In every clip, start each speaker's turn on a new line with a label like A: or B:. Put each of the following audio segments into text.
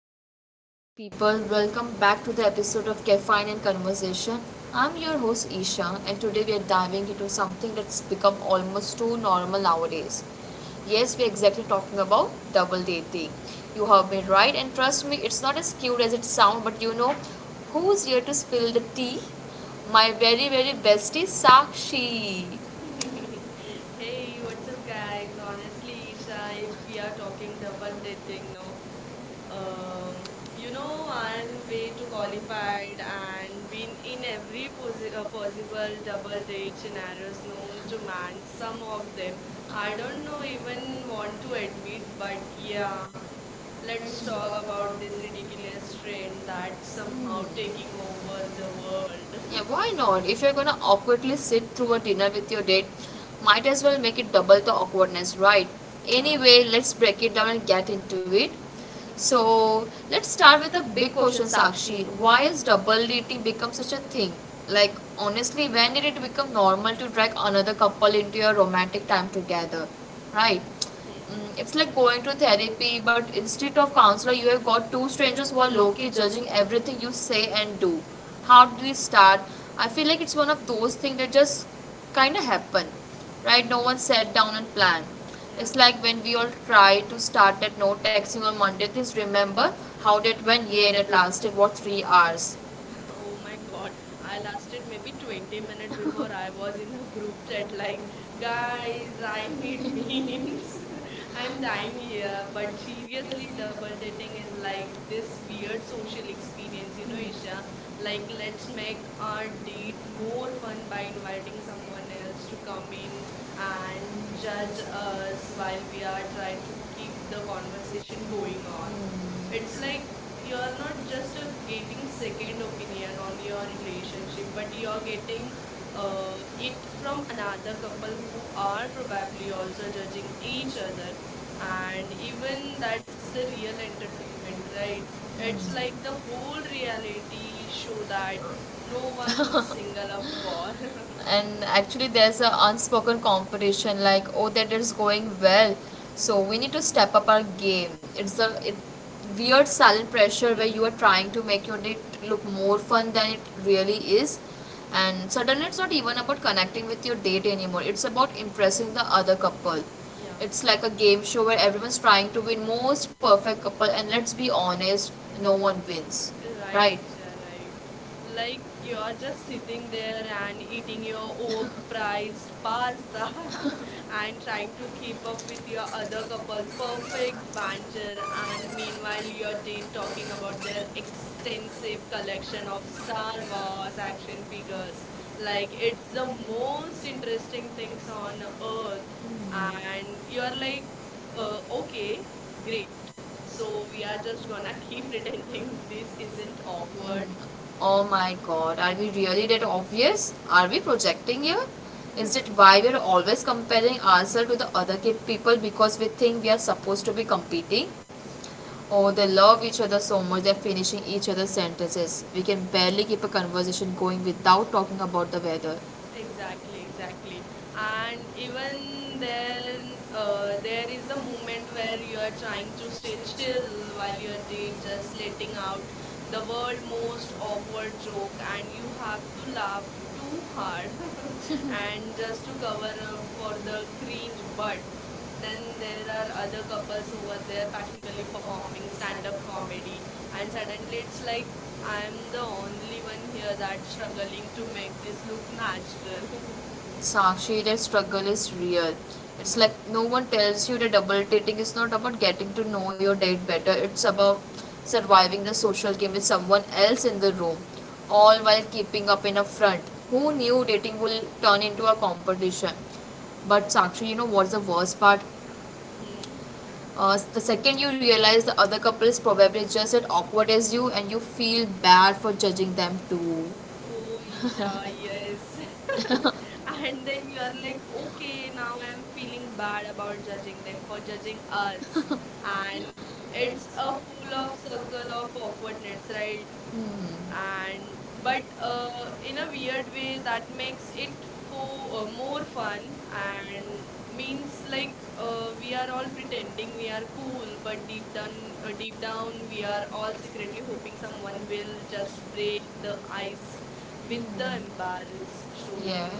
A: what's up, beautiful people? Welcome back to the episode of Caffeine and Conversation. I'm your host Isha, and today we are diving into something that's become almost too normal nowadays. Yes, we're exactly talking about double dating. You have been right, and trust me, it's not as cute as it sounds, but you know who's here to spill the tea? My very, very bestie, Sakshi. Hey,
B: Hey, what's
A: what's
B: up,
A: up guys?
B: guys?
A: Honestly,
B: Honestly, Isha,
A: Isha,
B: if we
A: we
B: are
A: are
B: talking
A: talking
B: double
A: rubber lifting.
B: dating, no, um,
A: Uh, you know, I
B: I'm way
A: made
B: too
A: the qualifier.
B: qualified and been in every possible double date scenarios known to man, some of them.
A: I
B: I don't
A: don't
B: know
A: know even
B: even
A: you want
B: want to
A: to
B: admit,
A: admit,
B: but
A: but yeah,
B: yeah, let's
A: let's
B: talk
A: talk about
B: about this
A: this
B: ridiculous
A: experience.
B: trend
A: Trend
B: that's
A: that's somehow
B: somehow taking
A: taking
B: over
A: over
B: the
A: the world.
B: world.
A: Yeah, why not? If you're gonna awkwardly sit through a dinner with your date, might as well make it double the awkwardness, right?
B: Yeah.
A: Anyway, let's break it down and get into it. So, let's start with a big question, Sakshi. Why is double dating become such a thing? Like, honestly, when did it become normal to drag another couple into your romantic time together, right?
B: Hmm.
A: Mm, it's like going to therapy, but instead of counselor, you have got two strangers who are low key judging everything you say and do. How did it start? I feel like it's one of those things that just kind of happen, right? No one sat down and planned.
B: Yeah.
A: It's like when we all try to start at no texting on Monday. Please remember how that went. Yeah, that lasted what 3 hours
B: Oh my god, I lasted maybe 20 minutes before I was in the group chat like, guys, I need memes. I'm dying here. But seriously, double dating is like this weird social experience, Isha. Like, let's make our date more fun by inviting someone else to come in and
A: judge
B: judge
A: us
B: us while
A: like
B: we
A: we
B: are
A: are
B: trying
A: like to
B: to keep
A: keep
B: the
A: the conversation
B: conversation
A: going
B: going
A: on.
B: on.
A: Mm.
B: It's
A: It's
B: like
A: like
B: you are
A: you're
B: not
A: not just
B: just
A: a
B: getting
A: maybe
B: second
A: second opinion
B: opinion
A: on
B: on your
A: your
B: relationship,
A: relationship, but
B: but you are
A: you're getting
B: getting it
A: it from
B: from another
A: another couple
B: couple
A: who
B: who
A: out
B: are
A: of the
B: probably
A: battery also
B: also judging
A: judging
B: each
A: each
B: other,
A: other. And
B: and
A: even
B: even
A: that's
B: that's the
A: the
B: real
A: real entertainment,
B: entertainment, right?
A: right? Mm. It's
B: It's
A: like
B: like the
A: the
B: whole
A: whole reality
B: reality
A: show
B: show
A: that it
B: that no one
A: no.
B: single up for.
A: And actually there's an unspoken competition, like, oh, that is going well, so we need to step up our game. Weird silent pressure
B: Hmm,
A: where you are trying to make your date look more fun than it really is, and suddenly it's not even about connecting with your date anymore, it's about impressing the other couple.
B: yeah.
A: It's like a game show where everyone's trying to win most perfect couple, and let's be honest, no one wins,
B: Right,
A: right?
B: Isha, right. Like
A: You.
B: you're just sitting there and eating your overpriced pasta and trying to keep up with your
A: So
B: other couple perfect
A: uh,
B: banter, and meanwhile
A: like
B: your date talking about their
A: so
B: extensive collection
A: Section
B: of
A: of
B: Star
A: summer ng mga
B: Wars action
A: cycling videos.
B: figures. Like
A: Like,
B: it's
A: it's
B: the
A: the most
B: most interesting
A: interesting thing
B: things
A: sa
B: on
A: the
B: earth,
A: overall act. And
B: and
A: and
B: you're
A: you're like,
B: like,
A: oh, okay.
B: okay.
A: Like,
B: Great.
A: so,
B: So
A: we
B: we are
A: are to do
B: just
A: an.
B: gonna keep pretending
A: This
B: this isn't
A: isn't awkward.
B: awkward.
A: Oh my god, are we really that obvious? Are we projecting here? Is it why we are always comparing ourselves to the other people because we think we are supposed to be competing? Oh, they love each other so much, they're finishing each other's sentences. We can barely keep a conversation going without talking about the weather.
B: Exactly,
A: Exactly,
B: exactly.
A: exactly.
B: And even
A: And even there,
B: then,
A: there
B: there is
A: is
B: the
A: a moment
B: moment where
A: when we
B: you are
A: are trying
B: trying
A: to
B: to stay
A: stay chill
B: chill while
A: while
B: you are
A: when we
B: date
A: just
B: just letting
A: taking out
B: out
A: the
B: the
A: world
B: world
A: most
B: most
A: awkward
B: awkward
A: joke
B: joke,
A: and
B: and
A: we
B: you have
A: have to
B: to
A: laugh
B: laugh
A: too
B: too
A: hard.
B: hard
A: And
B: and
A: there's
B: just to
A: two
B: cover
A: couples
B: up
A: who
B: for
A: the
B: the
A: Queen
B: cringe. But
A: Bird. Then
B: then
A: there
B: there are
A: are
B: other
A: other couples
B: couples
A: who
B: over
A: are
B: there
A: there
B: practically
A: particularly for
B: performing
A: mocking,
B: stand up
A: standard mocking.
B: comedy,
A: And
B: and
A: some
B: suddenly it's
A: like
B: like
A: I
B: I'm the
A: the only
B: only one
A: one
B: here
A: here that's
B: that's
A: struggling
B: struggling
A: to
B: to
A: make
B: make
A: this
B: this look
A: look
B: natural.
A: natural. Sakshi, that struggle is real.
B: Yeah.
A: It's like no one tells you that double dating is not about getting to know your date better, it's about surviving the social game with someone else in the room, all while keeping up in a front. Who knew dating will turn into a competition? But Sakshi, you know what's the worst part?
B: Hmm.
A: The second you realize the other couple is probably just as awkward as you, and you feel bad for judging them too.
B: Oh, Isha, yes. And then you're like, okay, now I'm feeling bad about judging them for judging us. And it's a full of circle of awkwardness, right? and but In a weird
A: Hmm.
B: way, that makes it for more fun, and means like
A: like
B: we are
A: uh,
B: all pretending we are cool, but deep
A: cool.
B: down, deep down we are all secretly hoping someone will just break the ice with the embarrassed
A: Yeah,
B: story.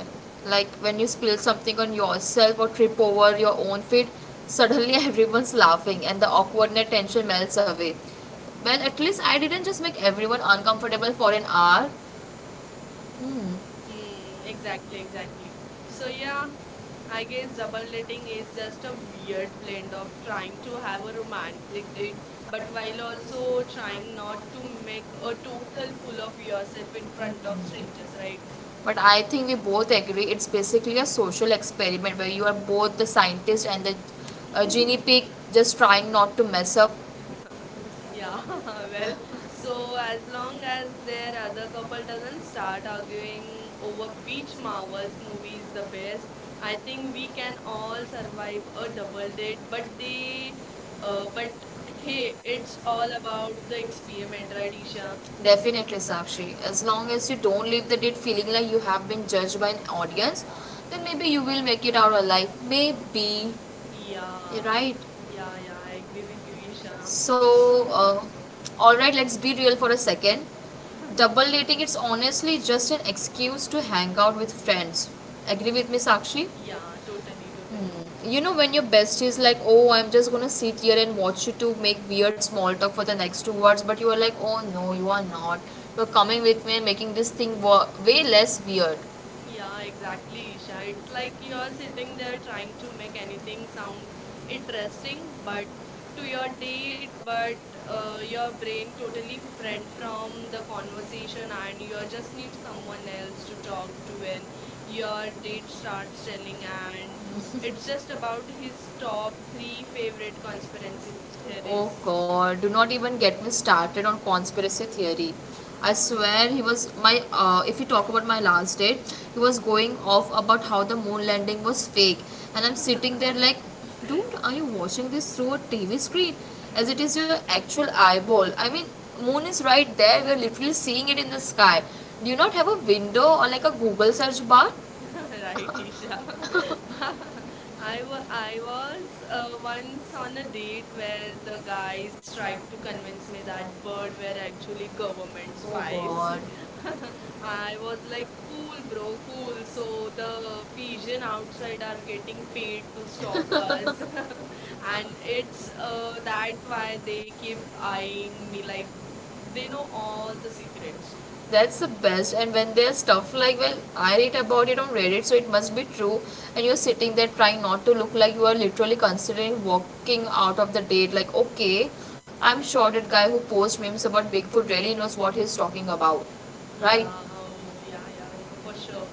A: like when you spill something on yourself or trip over your own feet, suddenly everyone's laughing and the awkwardness tension melts away. Well,
B: Yeah.
A: at least I didn't just make everyone uncomfortable for an hour. Mm.
B: Hmm, exactly,
A: Exactly, exactly.
B: exactly. So
A: So now
B: yeah,
A: I
B: I
A: can
B: guess double dating
A: supplementing is
B: is
A: just
B: just a
A: a weird
B: weird
A: blend
B: blend
A: of
B: of
A: trying
B: trying
A: to
B: to have
A: help
B: a
A: humanity
B: romantic date,
A: big,
B: but
A: but while
B: while
A: also
B: also
A: trying
B: trying
A: not
B: not
A: to
B: to
A: make
B: make
A: a
B: a
A: total
B: total
A: fool
B: fool
A: of
B: of
A: yourself
B: yourself
A: in
B: in
A: front
B: front
A: of
B: of
A: strangers,
B: strangers,
A: right?
B: right?
A: But I think we both agree it's basically a social experiment where you are both the scientist and the guinea pig, just trying not to mess up,
B: Yeah,
A: yeah.
B: well,
A: So
B: so as long as their other couple doesn't start arguing over which Marvel's movie is the best, I think we can all survive a double date. But
A: uh,
B: hey, it's all about the experiment,
A: right,
B: right, Isha?
A: Definitely, Sakshi. As long as you don't leave the date feeling like you have been judged by an audience, then maybe you will make it out alive. Maybe,
B: Yeah,
A: yeah, right?
B: yeah, yeah, I agree with you, Isha. So,
A: So, uh, alright, let's be real for a second. Double dating it's honestly just an excuse to hang out with friends. Agree with me, Sakshi?
B: yeah, totally, totally.
A: Hmm. You know when your bestie is like, oh, I'm just gonna sit here and watch you two make weird small talk for the next 2 hours, but you are like, oh no, you are not. You're coming with me and making this thing way less weird.
B: Yeah, exactly, Isha. It's like you're sitting there trying to make anything sound interesting, but to your date, but your brain totally friend from the conversation, and you just need someone else to talk to when your date starts telling, and it's just about his top three favorite conspiracy theories.
A: Oh god, do not even get me started on conspiracy theory. I swear he was my. If we talk about my last date, he was going off about how the moon landing was fake, and I'm sitting there like, dude, are you watching this through a TV screen? As it is your actual eyeball. I mean, moon is right there. We are literally seeing it in the sky. Do you not have a window or like a Google search bar?
B: Right, Isha. I was once on a date where the guys tried to convince me that bird were actually government spies.
A: God.
B: I was like, cool, bro, cool. So the pigeon outside are getting paid to
A: and
B: stalk us, and it's
A: it's
B: that
A: That
B: why they keep
A: if I
B: eyeing me
A: really
B: like they
A: like
B: know
A: know all
B: all the
A: the
B: secrets.
A: secrets. That's the best. And when there's stuff like, well, I read about it on Reddit, so it must be true. And you're sitting there trying not to look like you are literally considering walking out of the date. Like, okay, I'm sure that guy who posts memes about Bigfoot really knows what he's talking about,
B: Yeah,
A: right?
B: oh, yeah, yeah, yeah, for
A: Sure.
B: sure.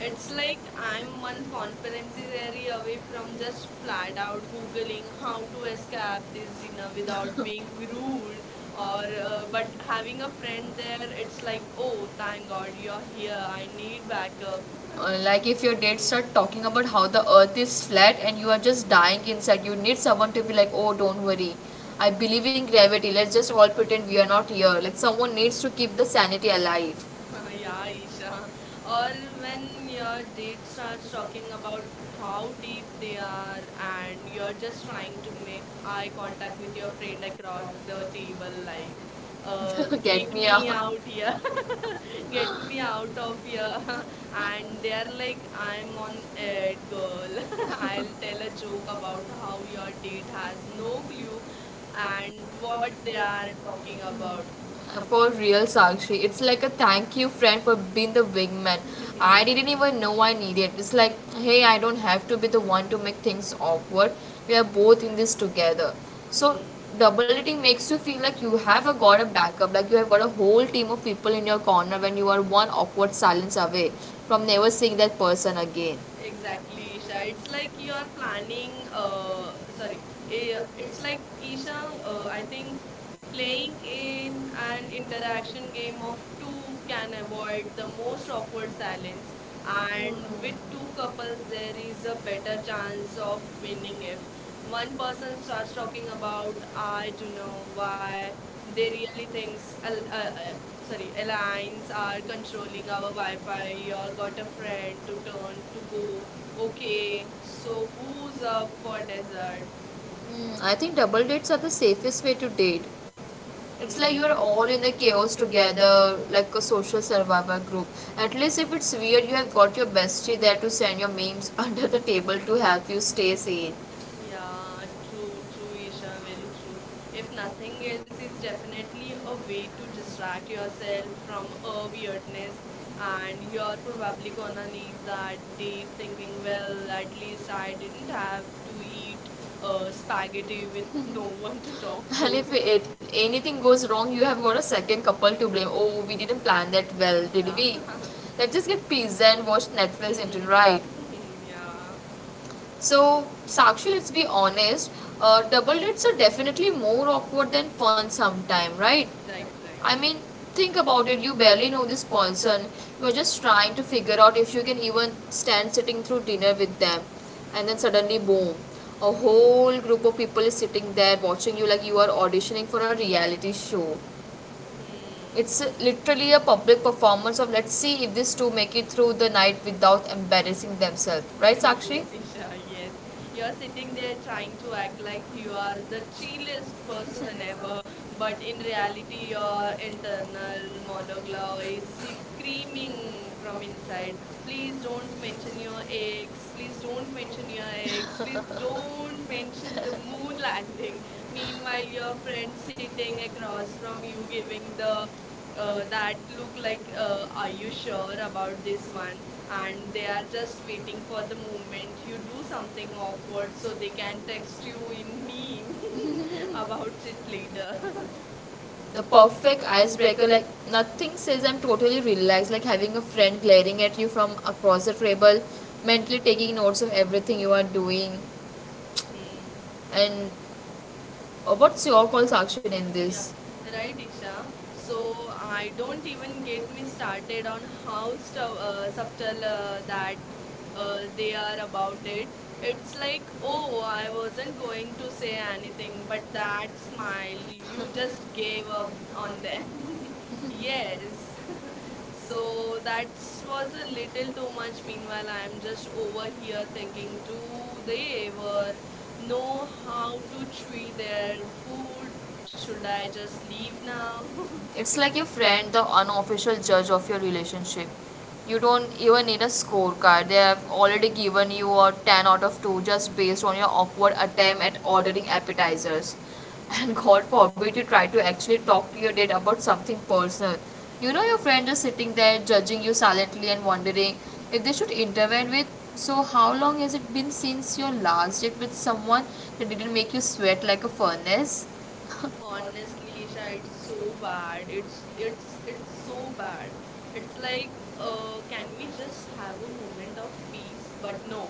B: It's
A: It's like
B: like
A: I'm
B: I'm
A: one
B: one
A: confidence
B: competency
A: and we
B: area
A: are
B: away
A: okay, from
B: from
A: just
B: just
A: fly
B: flat
A: out
B: out
A: to the
B: googling
A: how
B: how to
A: to
B: escape this
A: establish you
B: dinner
A: know without.
B: without
A: Me too.
B: being rude,
A: Or
B: or but
A: But having
B: having a
A: a friend
B: friend
A: then
B: there, it's
A: it's
B: like,
A: like, oh,
B: oh,
A: thank
B: thank
A: God
B: God you're
A: you're
B: here. I need
A: here.
B: backup.
A: Like if your dates start talking about how the earth is flat and you are just dying inside, you need someone to be like, oh don't worry, I believe in gravity. Let's just all pretend we are not here. Like someone needs to keep the sanity alive.
B: Yeah, Isha.
A: Yeah, or
B: Or
A: when
B: when
A: your
B: your date
A: kids are
B: starts
A: talking
B: talking about
A: about how
B: how deep
A: weak
B: they
A: they are,
B: are, and
A: and
B: you're
A: you're
B: just
A: just trying
B: trying to
A: to
B: make
A: make
B: eye
A: eye
B: contact
A: contact
B: with
A: with
B: your
A: your friend
B: friend across
A: across
B: the table, like, uh,
A: the table, like, get
B: get
A: me
B: me
A: out.
B: out here,
A: Yeah.
B: get me out of here. And they're like, I'm on it, girl. I'll tell a joke about how your date has no clue and what
A: What
B: they
A: they
B: are
A: are
B: talking
A: talking about.
B: about.
A: For real, Sakshi, it's like a thank you, friend, for being the wingman. I didn't even know I needed. It's like, hey, I don't have to be the one to make things awkward. We are both in this together. So,
B: Hmm.
A: double dating makes you feel like you have a, got a backup, like you have got a whole team of people in your corner when you are one awkward silence away from never seeing that person again. Exactly.
B: Exactly, Isha. It's
A: Exactly.
B: like you're planning,
A: Uh,
B: sorry,
A: like
B: eh,
A: uh,
B: It's like, Isha, I think playing in an interaction game of two can avoid the most awkward silence, and with
A: Um,
B: two couples, there is a better chance of winning if one
A: One
B: person
A: person
B: starts
A: starts
B: talking
A: talking about,
B: about, I don't
A: you know,
B: know
A: what it
B: why they really
A: makes
B: thinks,
A: a sorry,
B: sorry, airlines
A: allowance or
B: are
A: controlling
B: controlling
A: our
B: our Wi-Fi.
A: guidelines or
B: Your
A: what
B: got a
A: a friend
B: friend
A: who
B: to turn to
A: don't
B: go.
A: okay
B: Okay,
A: with. So
B: so who's
A: who's up
B: up for
A: for
B: dessert?
A: dinner? Mm, I think double dates are the safest way to date. It's like
B: Hmm.
A: you're all in the chaos together, like a social survival group. At least if it's weird, you have got your bestie there to send your memes under the table to help you stay sane.
B: Yeah, true, true, Isha, very true. If nothing else, is definitely a way to distract yourself from a weirdness, and you're
A: And
B: probably gonna leave that date thinking, well, at least I
A: like,
B: didn't have to eat spaghetti with no one to talk
A: well, if
B: to.
A: it, anything goes wrong, you have got a second couple to blame. Oh, we didn't plan that well, did we? Let's just get pizza and watch
B: Yeah.
A: Netflix until right.
B: Yeah,
A: So, Sakshi, let's be honest. Double dates are definitely more awkward than fun sometime, right?
B: right, right.
A: I mean, think about it. You barely know this person. You're just trying to figure out if you can even stand sitting through dinner with them, and then suddenly, boom, a whole group of people is sitting there watching you like you are auditioning for a reality show.
B: Hmm.
A: It's literally a public performance of let's see if these two make it through the night without embarrassing themselves. Right, Sakshi?
B: Yes, Isha, yes. You're sitting there trying to act like you are the chillest person ever, but in reality, your internal monologue is screaming from inside. Please don't mention your ex. Please don't mention your ex.
A: Don't
B: Please
A: mention
B: don't mention the moon
A: your
B: landing.
A: language.
B: Meanwhile,
A: Like the
B: your
A: French
B: friend sitting
A: language was
B: across from
A: from
B: you
A: UK
B: giving
A: with the
B: the that look
A: language like
B: like, are you
A: Polish,
B: sure
A: German about
B: about
A: this
B: this
A: one,
B: one?
A: and
B: And they
A: they
B: are
A: are just
B: just waiting
A: waiting
B: for
A: for
B: the
A: the moment
B: moment you
A: you do
B: do something
A: something
B: awkward,
A: awkward so
B: so they
A: they can
B: can
A: text
B: text you in
A: you
B: meme
A: about
B: about it
A: it later.
B: later.
A: The perfect icebreaker, like nothing says I'm totally relaxed, like having a friend glaring at you from across the table, mentally taking notes of everything you are doing,
B: Hmm.
A: and what's your call's action in
B: Yeah,
A: this? Right,
B: right,
A: yeah.
B: Isha. So
A: So I
B: I
A: do
B: don't
A: even
B: even
A: give
B: get me
A: me started
B: started
A: with
B: on
A: house
B: how
A: of such
B: subtle that they
A: they are
B: are about
A: housing.
B: it.
A: It's
B: It's
A: like,
B: like,
A: oh,
B: oh, I
A: I wasn't
B: wasn't
A: going
B: going to
A: to say
B: say
A: anything,
B: anything, but
A: but that
B: that
A: is fine.
B: smile, you
A: It just
B: just
A: gave
B: gave up
A: up on
B: on
A: them.
B: them. Yes.
A: Yes. So
B: So
A: that
B: that
A: was
B: was
A: a
B: a little
A: little
B: too
A: too much
B: much.
A: even
B: Meanwhile, I
A: and
B: am just
A: just
B: over
A: over
B: here
A: here thinking
B: thinking, do
A: who they
B: they ever
A: were. No,
B: know
A: I'm
B: how to
A: too free
B: chew
A: there.
B: their
A: Who
B: food? Should
A: should I
B: I just
A: just
B: leave
A: leave
B: now?
A: now? It's like your friend, the unofficial judge of your relationship. You don't even need a scorecard. They have already given you a 10 out of 2 just based on your awkward attempt at ordering appetizers. And God forbid you try to actually talk to your dad about something personal. You know, your friend is sitting there judging you silently and wondering if they should intervene with. So, how long has it been since your last date with someone that didn't make you sweat like a furnace? Honestly, I
B: Honestly, Isha,
A: was
B: it's
A: so
B: so
A: bad.
B: bad. It's it's
A: It's,
B: it's
A: it's so
B: so
A: bad.
B: bad. It's
A: It's like,
B: like,
A: um, and
B: can we
A: we
B: just
A: just had
B: have a
A: it in
B: moment
A: the
B: of peace?
A: documents,
B: But
A: but
B: no,
A: no.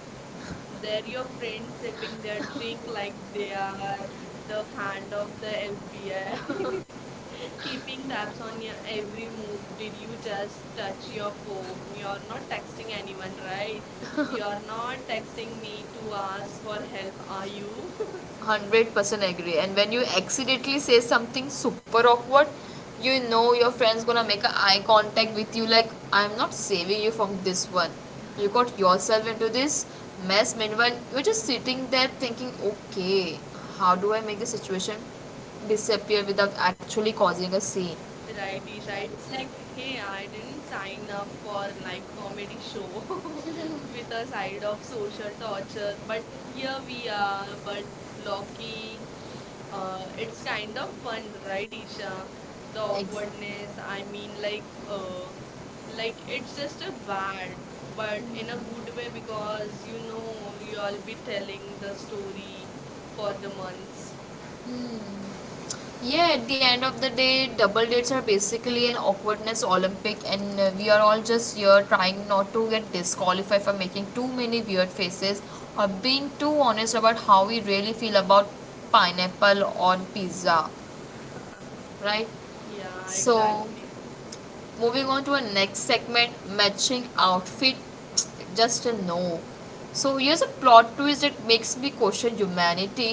A: They're
B: they're
A: not
B: your friends
A: documents and
B: sipping their
A: just
B: drink
A: feel
B: like
A: like they
B: they
A: are
B: are
A: like the
B: the hand of the FBI,
A: random therapy. People
B: keeping
A: are
B: tabs on
A: funny
B: your
A: your
B: every
A: you,
B: move.
A: you
B: Did you
A: you
B: just
A: just touch
B: touch
A: your
B: your
A: phone,
B: phone?
A: you
B: You're
A: are
B: not
A: contacting
B: texting
A: anyone,
B: anyone,
A: right?
B: right?
A: You
B: You're
A: are not
B: not
A: texting
B: texting
A: me
B: me to
A: to
B: ask
A: ask for
B: for help,
A: help or
B: are
A: to
B: you?
A: 100% agree. And when you accidentally say something super awkward, you know your friend's gonna make an eye contact with you like, I'm not saving you from this one. You got yourself into this mess. Meanwhile, you're just sitting there thinking, okay, how do I make the situation disappear without actually causing a scene, like,
B: Right, Isha.
A: yeah,
B: It's
A: it's like
B: like,
A: they
B: hey, I
A: aren't
B: didn't sign
A: signed up
B: up
A: for
B: for
A: like
B: live
A: comment
B: comedy
A: show
B: show with
A: with a
B: a
A: side
B: side
A: of
B: of social
A: social culture,
B: torture, but
A: but
B: here
A: here we
B: we
A: are on
B: are.
A: the
B: But
A: world of
B: Loki,
A: um
B: it's
A: it's
B: kind
A: kind
B: of
A: of fun,
B: fun, right,
A: right?
B: Isha? The
A: The Ex- awkwardness
B: awkwardness. I
A: and
B: mean, like,
A: like like it's
B: it's
A: just
B: just a
A: a
B: bad,
A: environment, but
B: but
A: mm-hmm, in
B: in a
A: a
B: good way,
A: musical was,
B: because
A: you
B: you
A: know, we
B: know you'll
A: all
B: be
A: be
B: telling
A: telling
B: the
A: the story
B: story for
A: for
B: the
A: the ones.
B: months.
A: Hmm. Yeah, at the end of the day, double dates are basically an awkwardness Olympic, and we are all just here trying not to get disqualified for making too many weird faces or being too honest about how we really feel about pineapple on pizza, right? Yeah,
B: Yeah,
A: so,
B: exactly.
A: exactly, moving on to our next segment matching outfit, just a no. So here's a plot twist that makes me question humanity.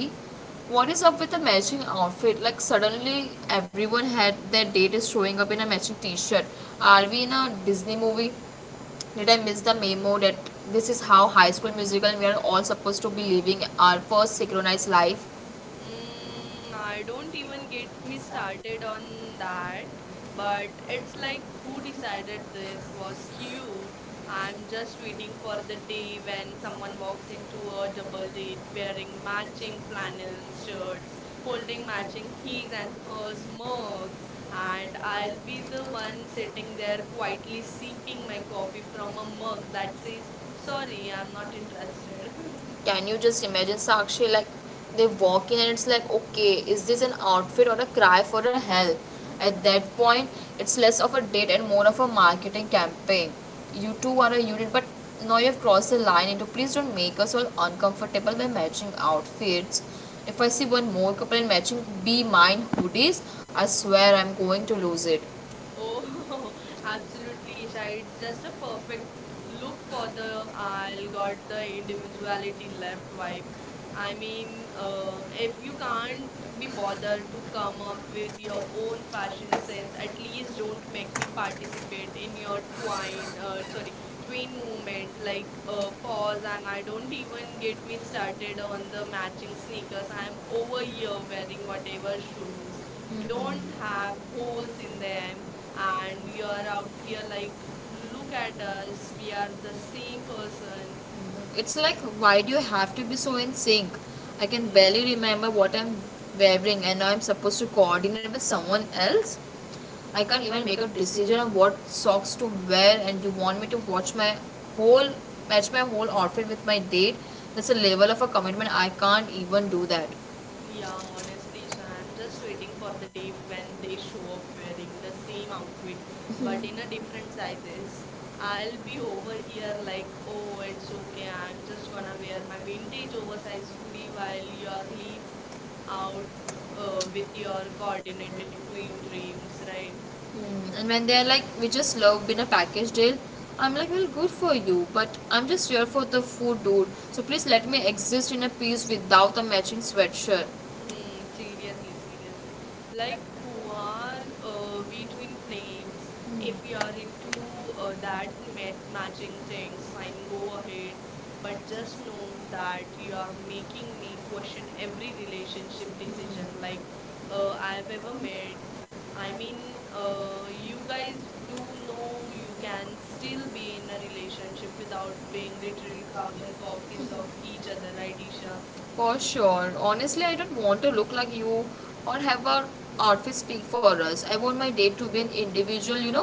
A: What is up with the matching outfit, like, suddenly everyone had their date is showing up in a matching t-shirt? Are we in a Disney movie? Did I miss the memo that this is how High School Musical we are all supposed to be living our first synchronized life?
B: Mm, I don't even get me started on that, but it's like, who decided this was cute? I'm just waiting for the day when someone walks into a double date wearing matching flannel shirts, holding matching his and hers mugs, and I'll be the one sitting there
A: Quietly
B: quietly
A: seeking
B: sipping my
A: my
B: coffee
A: copy from
B: from a
A: a
B: mug
A: book that
B: that says,
A: says, sorry,
B: sorry, I'm
A: I'm not
B: not interested.
A: interested. Can you just imagine, Sakshi, like, they walk in and it's like, okay, is this an outfit or a cry for a help? At that point, it's less of a date and more of a marketing campaign. You two are a unit, but now you have crossed the line into, please don't make us all uncomfortable by matching outfits. If I see one more couple in matching be mine hoodies, I swear I'm going to lose it.
B: Oh, absolutely, Isha. It's just a perfect look for the I'll got the individuality left vibe. I mean, if you can't be bothered to come up with your own
A: five
B: fashion
A: percent
B: sense,
A: And
B: at
A: please
B: least
A: don't
B: don't make
A: make me
B: me participate in your
A: participate
B: tween movement,
A: in
B: like
A: your uh,
B: pause. And I don't even get me started on the matching sneakers. I am over here wearing whatever shoes don't have holes in them, and you're
A: um,
B: out here
A: like
B: like, look at us, we are the same person.
A: It's like, why do you have to be so in sync? I can barely
B: Hmm.
A: remember what I'm wearing, and now I'm supposed to coordinate with someone else. I can't even make a decision on what socks to wear, and you want me to watch my whole match my whole outfit with my date. That's a level of a commitment I can't even do that.
B: Yeah, honestly, Isha, I'm just waiting for the day when they show up wearing the same outfit, but in a different sizes. I'll be over here like, oh, it's okay, I'm just gonna wear my vintage oversized hoodie while you're leave out with your coordinated twin dreams, right?
A: Mm, and when they're like, we just love being a package deal, I'm like, well, good for you, but I'm just here for the food, dude. So please let me exist in a peace without a matching sweatshirt.
B: Hmm,
A: But
B: seriously, seriously. Like, who are we, twin flames? If you are into that matching things, fine, go ahead. But just
A: just for
B: know
A: that,
B: that you
A: we
B: are making
A: making
B: me
A: a
B: question
A: portion of
B: every
A: the
B: relationship
A: relationship decision,
B: decision, like
A: like, oh,
B: I
A: I
B: have
A: do
B: ever
A: have a
B: made. I mean, you
A: uh,
B: guys do know you can still be in a relationship without being literal carbon copies of each other, right, Isha?
A: for sure. Honestly, I don't want to look like you or have our outfit speak for us. I want my date to be an individual, you know?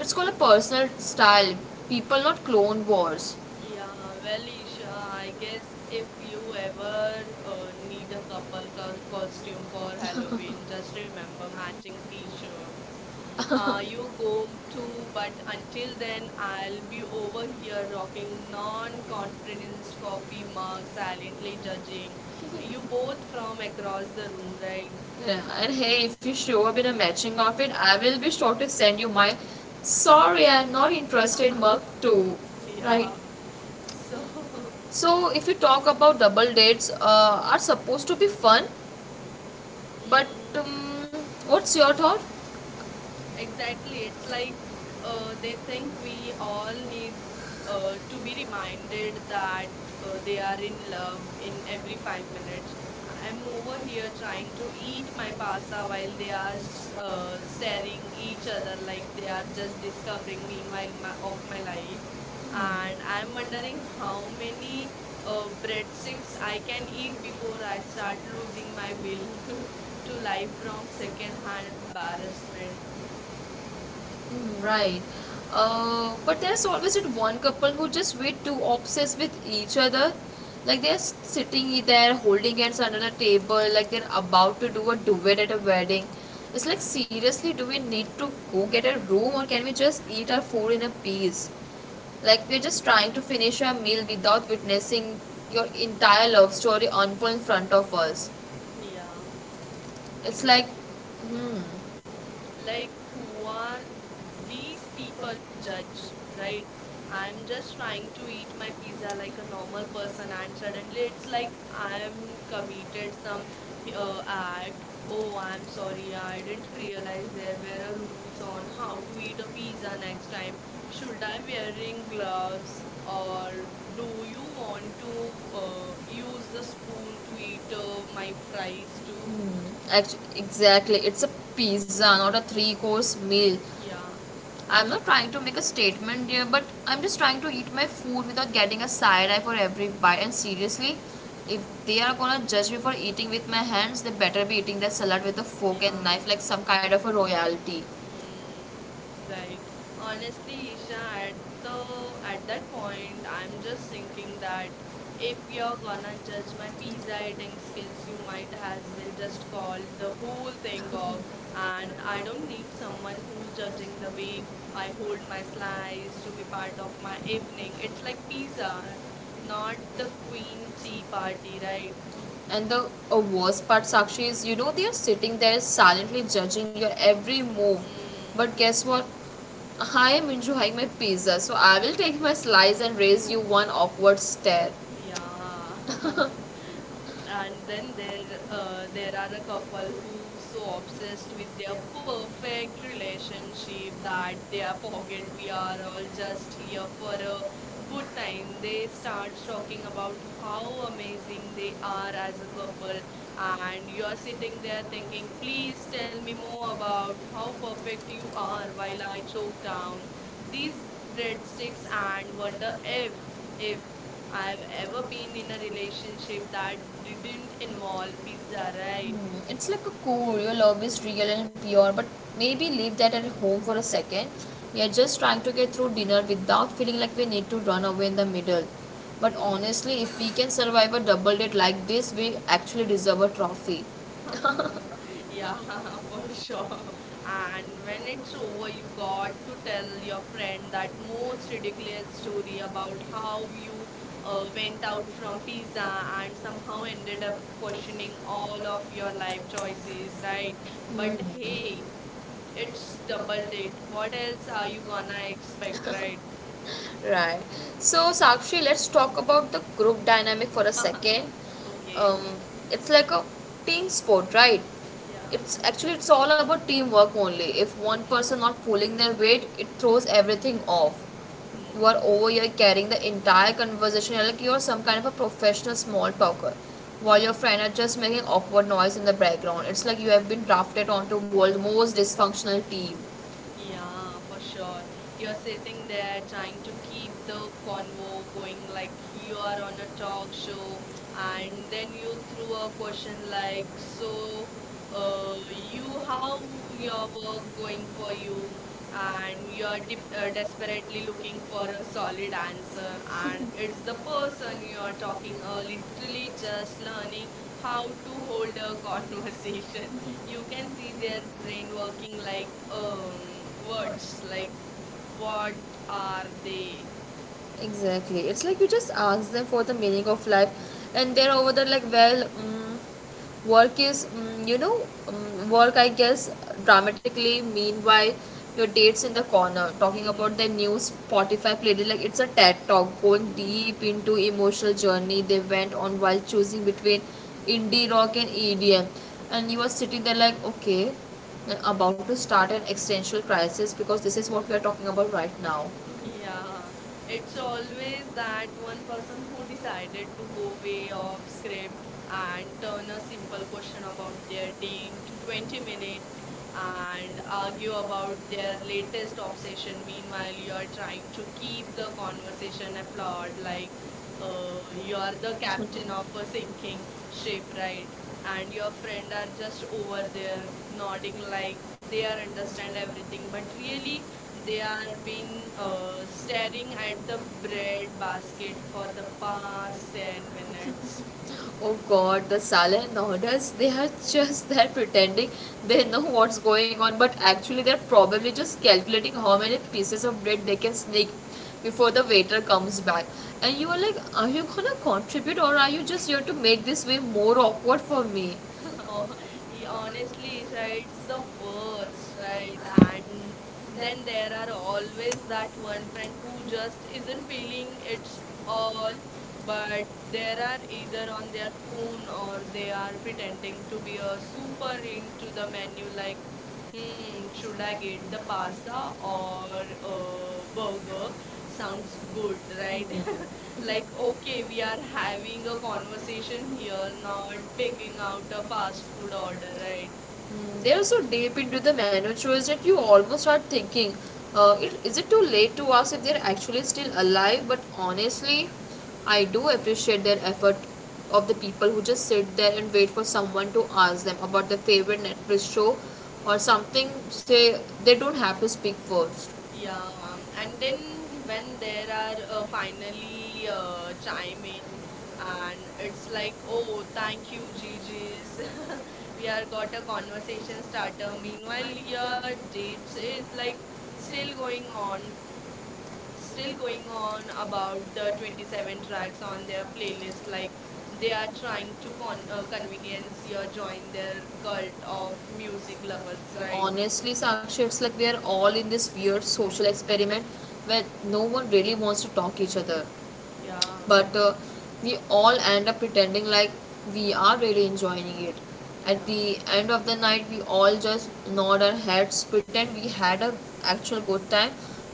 A: It's called a personal style. People, not clone wars.
B: Yeah, well, Isha, I guess if you ever need a couple co costume for Halloween, just remember matching t-shirts.
A: Uh-huh.
B: You go to, but until then, I'll be over here rocking non-conferenced coffee mug, silently judging you both from across the room, right?
A: Yeah, and hey, if you show up in a matching outfit, I will be sure to send you my sorry, I'm not interested mug too. Right?
B: Yeah. So,
A: So, if you talk about double dates, are supposed to be fun, but
B: mm,
A: um, what's your thought?
B: exactly.
A: Executive,
B: It's
A: like,
B: like they
A: they
B: think
A: think we
B: we all
A: often we,
B: need
A: to
B: to be
A: be minded
B: reminded
A: that,
B: that
A: like, you know,
B: they
A: they are
B: are in love
A: in
B: in every
A: every five
B: five
A: minutes.
B: minutes.
A: And
B: I'm over
A: over
B: here
A: here, trying
B: trying
A: to
B: to
A: eat
B: eat my
A: my
B: pasta
A: pasta
B: while
A: when
B: they
A: they are
B: are
A: just, staring
B: staring
A: at
B: each
A: each
B: other
A: other,
B: like
A: like,
B: they
A: they
B: are
A: are just
B: just
A: discussing
B: discovering
A: me
B: meanwhile
A: right
B: my,
A: now
B: of
A: of
B: my
A: my life.
B: life,
A: Mm-hmm.
B: and
A: And
B: I'm
A: when
B: wondering
A: I,
B: how
A: maybe,
B: many
A: breadsticks,
B: breadsticks
A: I
B: I can
A: can keep
B: eat
A: the
B: before
A: whole
B: I
A: life, so I
B: start
A: can see
B: losing
A: my,
B: my will to
A: to
B: life
A: life from
B: from
A: second one,
B: second-hand
A: just,
B: embarrassment.
A: like, mm, right. But there's always that one couple who just way too obsessed with each other. Like they're sitting there holding hands under the table, like they're about to do a duet at a wedding. It's like, seriously, do we need to go get a room or can we just eat our food in a peace? Like, we're
B: Mm,
A: just trying to finish our meal without witnessing your entire love story unfold in front of us.
B: Yeah,
A: It's like,
B: exactly.
A: hmm, like
B: Like,
A: you
B: who
A: want
B: are these
A: people
B: people
A: to
B: to judge,
A: judge, right?
B: right?
A: I'm
B: I'm
A: just
B: just
A: trying
B: trying
A: to
B: to
A: make
B: eat my
A: my
B: pizza
A: present
B: like a normal
A: proper person
B: person, and
A: answer. It
B: suddenly it's
A: looks
B: like
A: like I have
B: I'm committed
A: completed
B: some
A: some
B: act.
A: application or
B: Oh, I'm
A: parts or,
B: sorry,
A: yeah, I
B: I didn't
A: didn't
B: realize
A: realize
B: there
A: that
B: were
A: there
B: a
A: are
B: rules
A: meetings on
B: on
A: how
B: how
A: to
B: to
A: make
B: eat a
A: the pizza
B: pizza next
A: next time.
B: time.
A: Should
B: Should
A: I
B: I
A: be wearing
B: wearing
A: gloves
B: gloves
A: or
B: or
A: do
B: do you
A: you want
B: want to
A: to use
B: use the
A: this
B: spoon to eat my fries too?
A: Actually, exactly. It's a pizza, not a three course meal.
B: Yeah,
A: I'm not trying to make a statement here, but I'm just trying to eat my food without getting a side eye for every bite. And seriously, if they are gonna judge me for eating with my hands, they better be eating their salad with a fork and
B: yeah.
A: knife like some kind of a royalty.
B: Hmm. Right.
A: Honestly,
B: Honestly, Isha,
A: now, no,
B: at the
A: no, at
B: at
A: that
B: that
A: point,
B: point,
A: I'm
B: I'm
A: just
B: just
A: thinking
B: thinking
A: that
B: that if
A: if your
B: you're gonna
A: father does
B: judge my
A: not
B: pizza
A: deserve
B: eating skills,
A: mistakes
B: you
A: in my
B: might
A: life,
B: as well
A: then this
B: just
A: for
B: call the whole
A: the
B: thing off.
A: I
B: And I
A: don't
B: don't need
A: need someone
B: someone who's
A: to
B: judging the
A: judge I do
B: way
A: my
B: I hold my slice
A: parents,
B: to be
A: part
B: part
A: of
B: of
A: my
B: my
A: evening,
B: evening.
A: it's
B: It's like
A: like pizza.
B: pizza, not
A: Government
B: the
A: just
B: queen
A: being
B: tea
A: cheap part
B: party, right?
A: that and the worst part, Sakshi, is you know they are sitting there silently judging your every move.
B: Hmm.
A: But guess what? I am enjoying my pizza, so I will take my slice and raise you one awkward stare.
B: Yeah. And then there are a couple who so obsessed with their perfect relationship that they are forget we are all just here for a good time. They start talking about how amazing they are as a couple, and you
A: New
B: are
A: York City
B: sitting there
A: family, they
B: thinking,
A: please
B: please tell
A: tell
B: me
A: me
B: more
A: more
B: about
A: about
B: how
A: how
B: perfect
A: worried you
B: you
A: are
B: are
A: by
B: while I
A: Marigold
B: choke
A: Town.
B: down these
A: Please read
B: breadsticks
A: 600
B: and
A: for
B: wonder
A: the end
B: if
A: if
B: if
A: I
B: I've
A: am
B: ever
A: ever in
B: been in a
A: a
B: relationship
A: relationship
B: that
A: directly
B: didn't
A: with
B: involve
A: involving these
B: pizza,
A: other.
B: right?
A: Hmm, it's like a core. Your love is real and pure, but maybe leave that at home for a second. We are just trying to get through dinner without feeling like we need to run away in the middle. But
B: Hmm.
A: honestly, if we can survive a double date like this, we actually deserve a trophy. Yeah,
B: Yeah,
A: I'm also
B: for
A: sure.
B: sure.
A: And
B: And when
A: when
B: it's
A: it's over,
B: over, you
A: you
B: got
A: to
B: to
A: tell
B: tell your
A: your friend
B: friend
A: that
B: that
A: you
B: most
A: should get
B: ridiculous
A: story
B: story
A: about
B: about
A: how
B: how you went
A: went out
B: out from
A: from and
B: pizza and
A: somehow
B: somehow ended
A: ended
B: up
A: up
B: questioning
A: questioning all
B: all of
A: of
B: your
A: your life
B: life choices,
A: choices and
B: right?
A: what
B: But
A: you do.
B: hey, it's
A: It's
B: double
A: double
B: date.
A: date.
B: What
A: What
B: else
A: else
B: are
A: are
B: you
A: you
B: gonna
A: gonna
B: expect,
A: expect?
B: right?
A: Right. So, Sakshi, let's talk about the group dynamic for a second.
B: Okay.
A: Um, it's like a team sport, right?
B: Yeah.
A: It's actually it's all about teamwork only. If one
B: Mm-hmm.
A: person not pulling their weight, it throws everything off. You are
B: Mm-hmm.
A: over here carrying the entire conversation like you're some kind of a professional small talker, while
B: Hmm.
A: your friend are just making awkward noise in the background. It's like you have been drafted onto world most dysfunctional team. You,
B: Yeah, for
A: how
B: sure.
A: long you
B: You're sitting
A: are not
B: there trying to keep the convo going like you are on a talk show, and then you threw a question like, so, you, how your
A: going
B: work
A: for you,
B: going for you? And
A: and you
B: you're de
A: are
B: desperately looking
A: it's a
B: for a
A: a
B: solid
A: solid answer.
B: answer, and it's
A: It's
B: the
A: the person
B: person you're
A: you're you
B: talking,
A: talking to,
B: literally
A: just
B: just learning how to
A: can hold
B: hold
A: a
B: a conversation.
A: conversation.
B: You
A: You
B: can
A: can
B: see
A: see
B: their
A: their
B: brain
A: brain
B: working
A: working
B: like
A: like
B: words
A: words
B: like
A: like, what
B: what
A: are
B: are
A: they?
B: they.
A: Exactly. It's like you just ask them for the meaning of life, and they're over there like, well, work is, you know, work, I guess, dramatically. Meanwhile, your date's in the corner talking about their new Spotify playlist. Like, it's a TED talk going deep into emotional journey they went on while choosing between indie rock and EDM. And you are sitting there like, okay, I'm about to start an existential crisis because this is what we are talking about right now.
B: Yeah, it's
A: It's always
B: always
A: done
B: that one
A: one
B: person
A: person
B: who
A: comes up
B: decided to go
A: with
B: way
A: two of
B: off
A: script
B: script
A: and
B: and turn a
A: the
B: simple
A: simple
B: question
A: portion
B: about
A: about their
B: their day
A: being
B: into 20
A: twenty
B: minutes
A: minutes and
B: and argue
A: argue about
B: about
A: their
B: their
A: latest
B: latest
A: conversation
B: obsession.
A: with my
B: Meanwhile, you are trying
A: client. So
B: to
A: keep
B: keep
A: the
B: the
A: conversation
B: conversation afloat,
A: covered like
B: like
A: um,
B: you
A: you are
B: are the
A: the
B: captain
A: captain of
B: of a
A: the
B: sinking
A: sinking and
B: ship, right? And your
A: the friend
B: friend are
A: are
B: just
A: just
B: over
A: over there
B: there nodding
A: nodding like
B: like they
A: they
B: are understand
A: understand
B: everything,
A: everything
B: but
A: but
B: really
A: really
B: they
A: they
B: are
A: are being
B: been
A: uh,
B: uh, staring
A: standard
B: at the
A: anthem there
B: bread basket
A: basket
B: for
A: for
B: the
A: the farmers
B: past
A: there.
B: 10 minutes.
A: Oh god, the Salah and they are just that pretending they know what's going on, but actually they're probably just calculating how many pieces of bread they can sneak before the waiter comes back. And you are like, are you gonna contribute or are you just here to make this way more awkward for me?
B: Oh, he honestly, Isha, it's the worst, right? And then there are always that one friend who just isn't feeling it's
A: But
B: all, but
A: they are
B: they
A: either on
B: are either
A: their own or
B: on their phone or they
A: they are
B: are
A: it
B: pretending to
A: could
B: be
A: be a
B: a
A: super,
B: super
A: big
B: into
A: could
B: the menu,
A: do
B: like, hmm, should
A: should
B: I
A: I
B: get
A: make
B: the
A: the pasta
B: pasta
A: or,
B: or a
A: or, or
B: burger?
A: sounds
B: Sounds
A: good,
B: good,
A: right?
B: right?
A: Like,
B: Like,
A: okay,
B: okay, we
A: yeah,
B: are
A: having
B: having a
A: the conversation
B: conversation
A: here,
B: here,
A: now
B: not
A: we're
B: picking
A: taking up
B: out
A: the
B: a
A: pasta
B: fast
A: to
B: food order,
A: the
B: right?
A: Mm, they are so deep into the menu choice that you almost start thinking, is it too late to ask if they're actually still alive? But honestly, I do appreciate their effort of the people who just sit there and wait for someone to ask them about their favorite Netflix show or something, say they don't have to speak first. Yeah,
B: Yeah, and
A: I'm
B: then
A: definitely when
B: when
A: there
B: there are
A: are
B: finally
A: pandemic uh,
B: chime in,
A: something, uh,
B: and it's
A: it's like,
B: like,
A: oh,
B: oh,
A: conversations
B: thank you,
A: after
B: Gigi's. We
A: we
B: are
A: have got
B: got a
A: the
B: conversation
A: conversation starter.
B: starter.
A: We
B: Meanwhile,
A: one year
B: your
A: midway,
B: dates
A: so
B: is
A: it's
B: like
A: like
B: still
A: still
B: going
A: going
B: on,
A: on
B: still
A: still
B: going
A: going on
B: on
A: about
B: about the
A: the 27
B: 27 tracks
A: plants on
B: on their
A: their pages,
B: playlist, like
A: like
B: they
A: they
B: are
A: are
B: trying
A: trying
B: to
A: to
B: con- uh,
A: monitor
B: convenience
A: convenience, you
B: your
A: are trying
B: join
A: to
B: their
A: cut
B: cult of
A: our
B: music
A: producing
B: lovers,
A: levels,
B: right?
A: like honestly, Sakshi, it's like we are all in this weird social experiment where no one really wants to talk to each other
B: Yeah.
A: but we all end up pretending like we are really enjoying it.
B: Yeah.
A: At the end of the night we all just nod our heads, pretend we had a actual good time,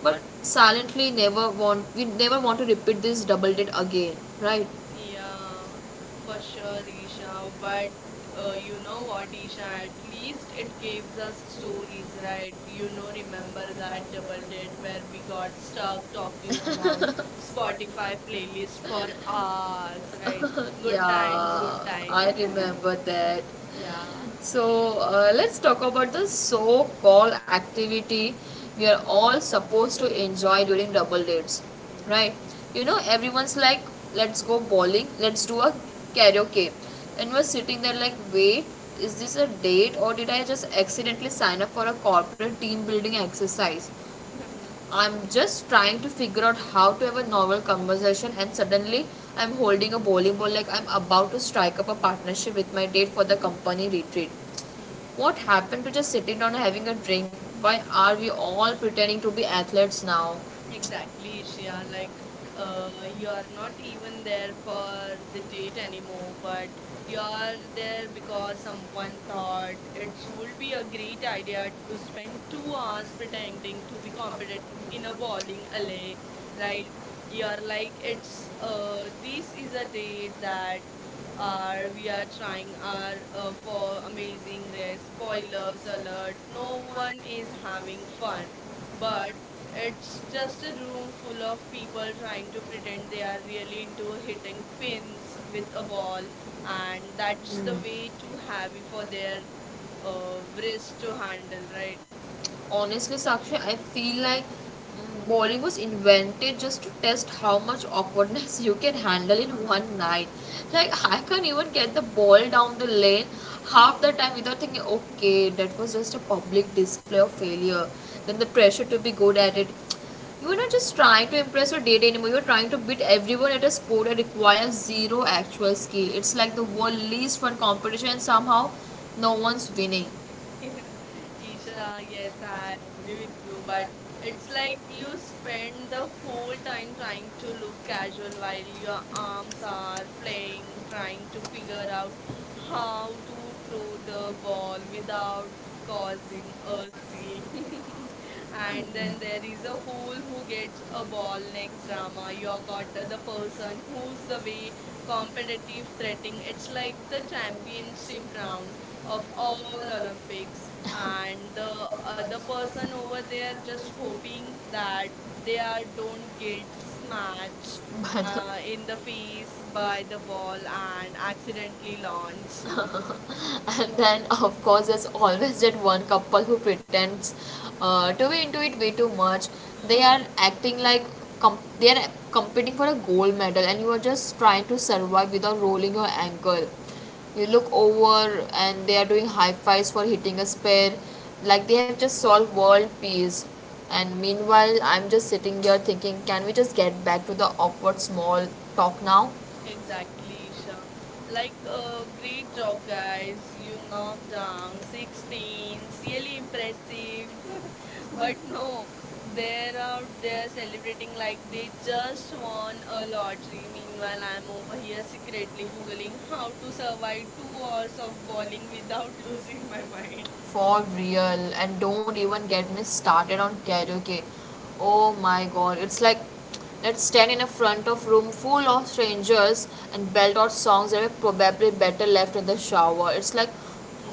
A: but silently never want we never want to repeat this double date again, right?
B: Yeah, for sure, Isha. But you know what, Isha? At least it gives us stories, right? You know, remember that double date where we got stuck talking about Spotify playlist for hours, right? Good times,
A: Yeah,
B: good time.
A: I remember that.
B: Yeah,
A: So let's talk about the so-called activity we are all supposed to enjoy during double dates, right?
B: yeah.
A: You know, everyone's like, let's go bowling, let's do a karaoke, and we're sitting there like, wait, is this a date or did I just accidentally sign up for a corporate team building exercise? I'm just trying to figure out how to have a normal conversation, and suddenly I'm holding a bowling ball like I'm about to strike up a partnership with my date for the company retreat. What happened to just sitting down and having a drink? Why are we all pretending to be athletes now?
B: Exactly, Ishia. Like, you are not even there for the date anymore, but you are there because someone thought it would be a great idea to spend 2 hours pretending to be competent in a bowling alley, right? You are like, it's this is a date that are we are trying our for amazing race. Spoilers alert! No one is having fun. But it's just a room full of people trying to pretend they are really into hitting pins with a ball, and that's the
A: Mm,
B: way too heavy for their wrist to handle, right?
A: honestly, Sakshi, I feel like Bollywood was invented just to test how much awkwardness you can handle in one night. Like, I can't even get the ball down the lane half the time without thinking, okay, that was just a public display of failure. Then the pressure to be good at it. You are not just trying to impress your date anymore, you are trying to beat everyone at a sport that requires zero actual skill. It's like the world's least fun competition, and somehow no one's winning stuff
B: Isha,
A: that
B: yes, I
A: happened,
B: agree with you, but
A: but
B: it's
A: it's a
B: like you
A: use that
B: spend the
A: helps
B: whole
A: over like
B: time
A: like
B: trying to
A: to
B: look
A: capture
B: casual while
A: like your
B: your
A: company
B: arms are
A: software they were
B: flaying,
A: trying
B: trying to
A: to be the
B: figure out how
A: company
B: to throw the
A: those for
B: ball
A: development
B: without
A: policy
B: causing a scene.
A: policy. And
B: And
A: then
B: then
A: then
B: there is
A: so
B: a whole
A: one
B: who
A: would be
B: gets
A: a
B: a ball
A: bond
B: next
A: that's
B: drama.
A: like
B: You got the
A: your
B: person who's the way competitive threatening. It's like the championship round of all Olympics, and the other person over there just hoping that they are don't get smashed
A: and
B: in the face by the ball and accidentally launch.
A: then of course there's always that one couple who pretends to be into it way too much. They are acting like they are competing for a gold medal and you are just trying to survive without rolling your ankle. You look over and they are doing high fives for hitting a spare, like they have just solved world peace, and meanwhile I'm just sitting here thinking, can we just get back to the awkward small talk now?
B: Exactly, Isha. Like, great job, guys. You knocked down six pins. Really impressive. But no, they're out there celebrating like they just won a lottery. Meanwhile, I'm over here secretly Googling how to survive 2 hours of bowling without losing my mind.
A: For real, and don't even get me started on karaoke. Oh my god, it's like, let's stand in a front of room full of strangers and belt out songs that are probably better left in the shower. It's like,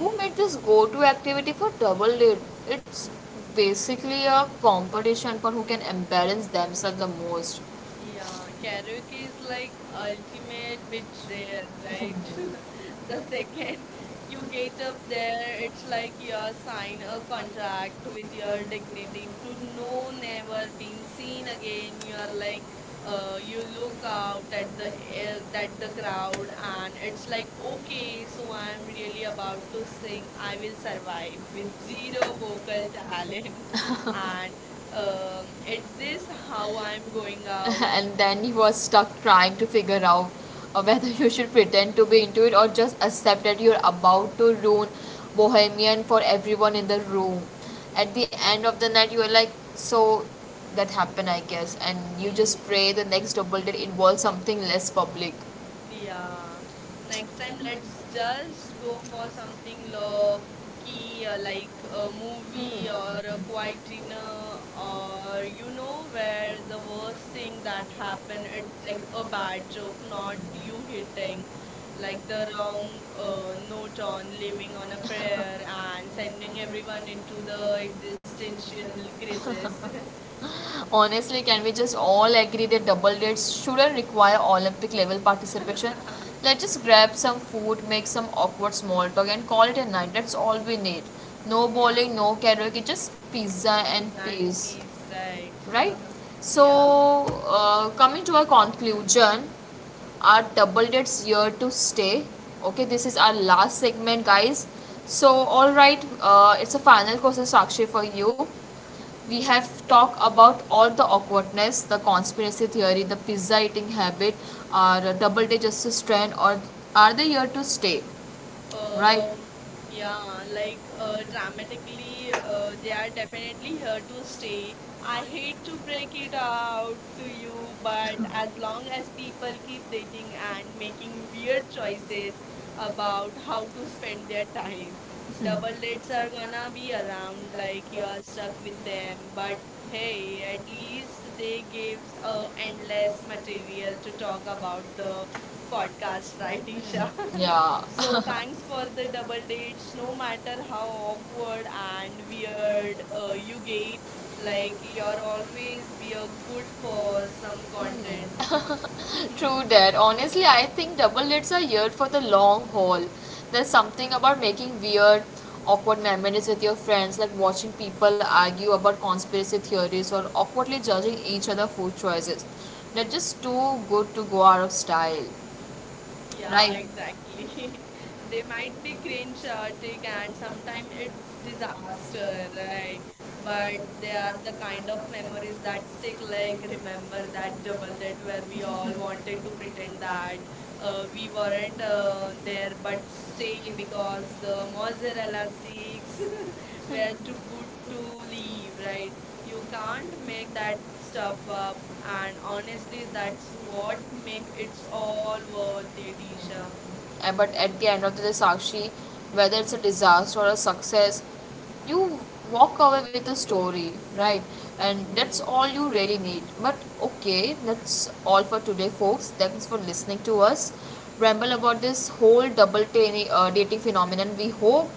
A: who made this go-to activity for double date? It's basically a competition for who can embarrass themselves the most. It's
B: Yeah,
A: like,
B: karaoke is like
A: okay,
B: ultimate betrayal,
A: so I'm
B: right? The second you get up there, it's like you are sign a contract with your dignity to no never been seen again. You are like, you look out at the that the
A: about
B: crowd, and it's like, okay, so I'm
A: this,
B: really about to sing. I will survive with
A: I'm, I
B: zero vocal talent, and it's this how I'm going out?
A: and then he was stuck trying to figure out whether you should pretend to be into it or just accept that you're about to ruin Bohemian for everyone in the room. At the end of the night, you were like, so that happened, I guess, and you just
B: Hmm,
A: pray the next double date involves something less public. Yeah. Like
B: yeah. Next time, let's
A: sometimes just
B: just
A: go
B: go for
A: for something
B: something
A: low,
B: low
A: keep
B: key,
A: your
B: like
A: level of,
B: a
A: you
B: movie
A: know,
B: or
A: the
B: a
A: point,
B: quiet
A: you know,
B: dinner,
A: of,
B: or
A: uh,
B: you
A: hope
B: know,
A: that the
B: where the worst
A: worst thing
B: thing
A: that
B: that happened,
A: happened
B: it's like
A: outside
B: a
A: of
B: bad
A: the actual
B: joke, not you
A: from taken.
B: hitting, like
A: Like the
B: the
A: law,
B: wrong
A: uh,
B: note
A: from
B: on living
A: taking
B: on
A: on
B: a
A: a,
B: prayer and
A: and when
B: sending everyone
A: everyone
B: into the
A: is below,
B: existential crisis.
A: it's honestly, can we just all agree that double dates shouldn't require Olympic level participation? Let's just grab some food, make some awkward small talk, and call it a night. That's all we need. No
B: Yeah.
A: bowling, no karaoke, just pizza and
B: Peas and
A: peace,
B: peas, right.
A: right? So
B: Yeah.
A: coming to a conclusion, our double dates here to stay. Okay, this is our last segment, guys. So all right, it's a final question, Sakshi, for you. We have talked about all the awkwardness, the conspiracy theory, the pizza eating habit. Our double day justice trend or are they here to stay, right?
B: Um,
A: Yeah,
B: yeah,
A: like
B: like
A: the Tamil
B: dramatically, they
A: they
B: are
A: are
B: definitely
A: very
B: here to
A: helpful state.
B: stay. I
A: And if
B: hate to
A: you like
B: break it
A: with our
B: out to you,
A: people, and
B: but as long as
A: help people
B: people
A: if
B: keep
A: they
B: dating
A: can
B: and
A: make
B: making weird
A: real choices
B: choices
A: about
B: about
A: how
B: how to
A: to spend
B: spend their
A: their money.
B: time,
A: Yeah,
B: double
A: but then
B: dates are
A: some
B: gonna
A: are
B: be
A: here,
B: around
A: like
B: like you
A: they
B: are
A: are
B: stuck
A: stuck
B: with
A: in there,
B: them. But
A: but they
B: hey, at least they
A: means
B: gives
A: endless
B: endless material
A: material
B: to
A: to talk
B: talk
A: about
B: about
A: the
B: the
A: contracts,
B: podcast, right,
A: right?
B: Isha?
A: So yeah.
B: So thanks for the double dates. No matter how awkward and weird you get, like you're always be a good for some content.
A: True that. Honestly, I think double dates are here for the long haul. There's something about making weird, awkward memories with your friends, like watching people argue about conspiracy theories or awkwardly judging each other food choices. They're just too good to go out of style.
B: Yeah,
A: Right. Like that.
B: exactly. They
A: They might
B: might be
A: think they
B: cringe-chaotic
A: celebrate their
B: and sometimes
A: sometimes it's
B: it's disaster,
A: disaster and whatever,
B: right?
A: but
B: But
A: if
B: they
A: they
B: are
A: are
B: the kind
A: behind
B: of
A: of
B: memories
A: memories that
B: that stick,
A: sick,
B: like
A: like
B: remember
A: remember
B: that
A: that the
B: double date
A: moment
B: where
A: when we
B: we all
A: all wanted
B: wanted to
A: to be with
B: pretend
A: them.
B: that
A: We
B: we
A: weren't
B: weren't
A: they
B: there
A: want to
B: but
A: buy
B: stayed
A: safety
B: because
A: because the
B: the
A: monster has a
B: mozzarella sticks
A: station. They
B: were
A: would
B: too good to
A: to
B: leave,
A: them
B: right?
A: to
B: You
A: come
B: can't
A: and
B: make that
A: that
B: stuff
A: stuff.
B: up,
A: And
B: and
A: honestly,
B: honestly
A: that's
B: that's
A: what
B: what make
A: makes it
B: it's all
A: all
B: worth
A: worth
B: it,
A: it.
B: Isha.
A: But at the end of the day, Sakshi, whether it's a disaster or a success, you walk away with a story, right? And that's all you really need. But okay, that's all for today, folks. Thanks for listening to us ramble about this whole double dating phenomenon. We hope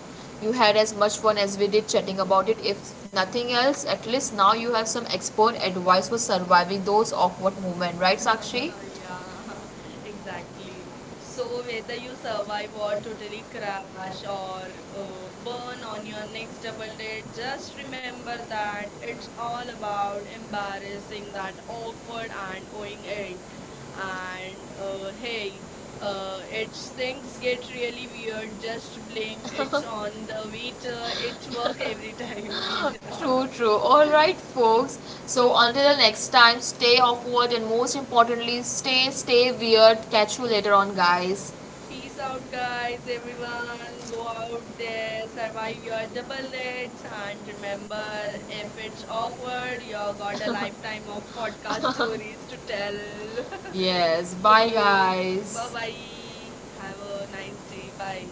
A: you had as much fun as we did chatting about it. If nothing else, at least now you have some expert advice for surviving those awkward moments, right, Sakshi?
B: Yeah, exactly. So whether you survive or totally crash or burn on your next double date, just remember that it's all about embarrassing that awkward and owning it. And
A: um,
B: hey, it's
A: it's
B: things
A: things get
B: get really
A: here,
B: weird. Just
A: we
B: blame
A: on
B: it
A: the
B: on the waiter. It work
A: meter,
B: every time, Isha.
A: true, true. Alright, folks. So, until the next time, stay awkward and most importantly, stay weird. Catch you later on, guys.
B: Peace out, guys, everyone. Go out there, survive your double dates, and remember if it's awkward, you got a lifetime of podcast stories to tell.
A: Yes,
B: So,
A: bye
B: bye
A: guys.
B: bye. Have a nice day. Bye.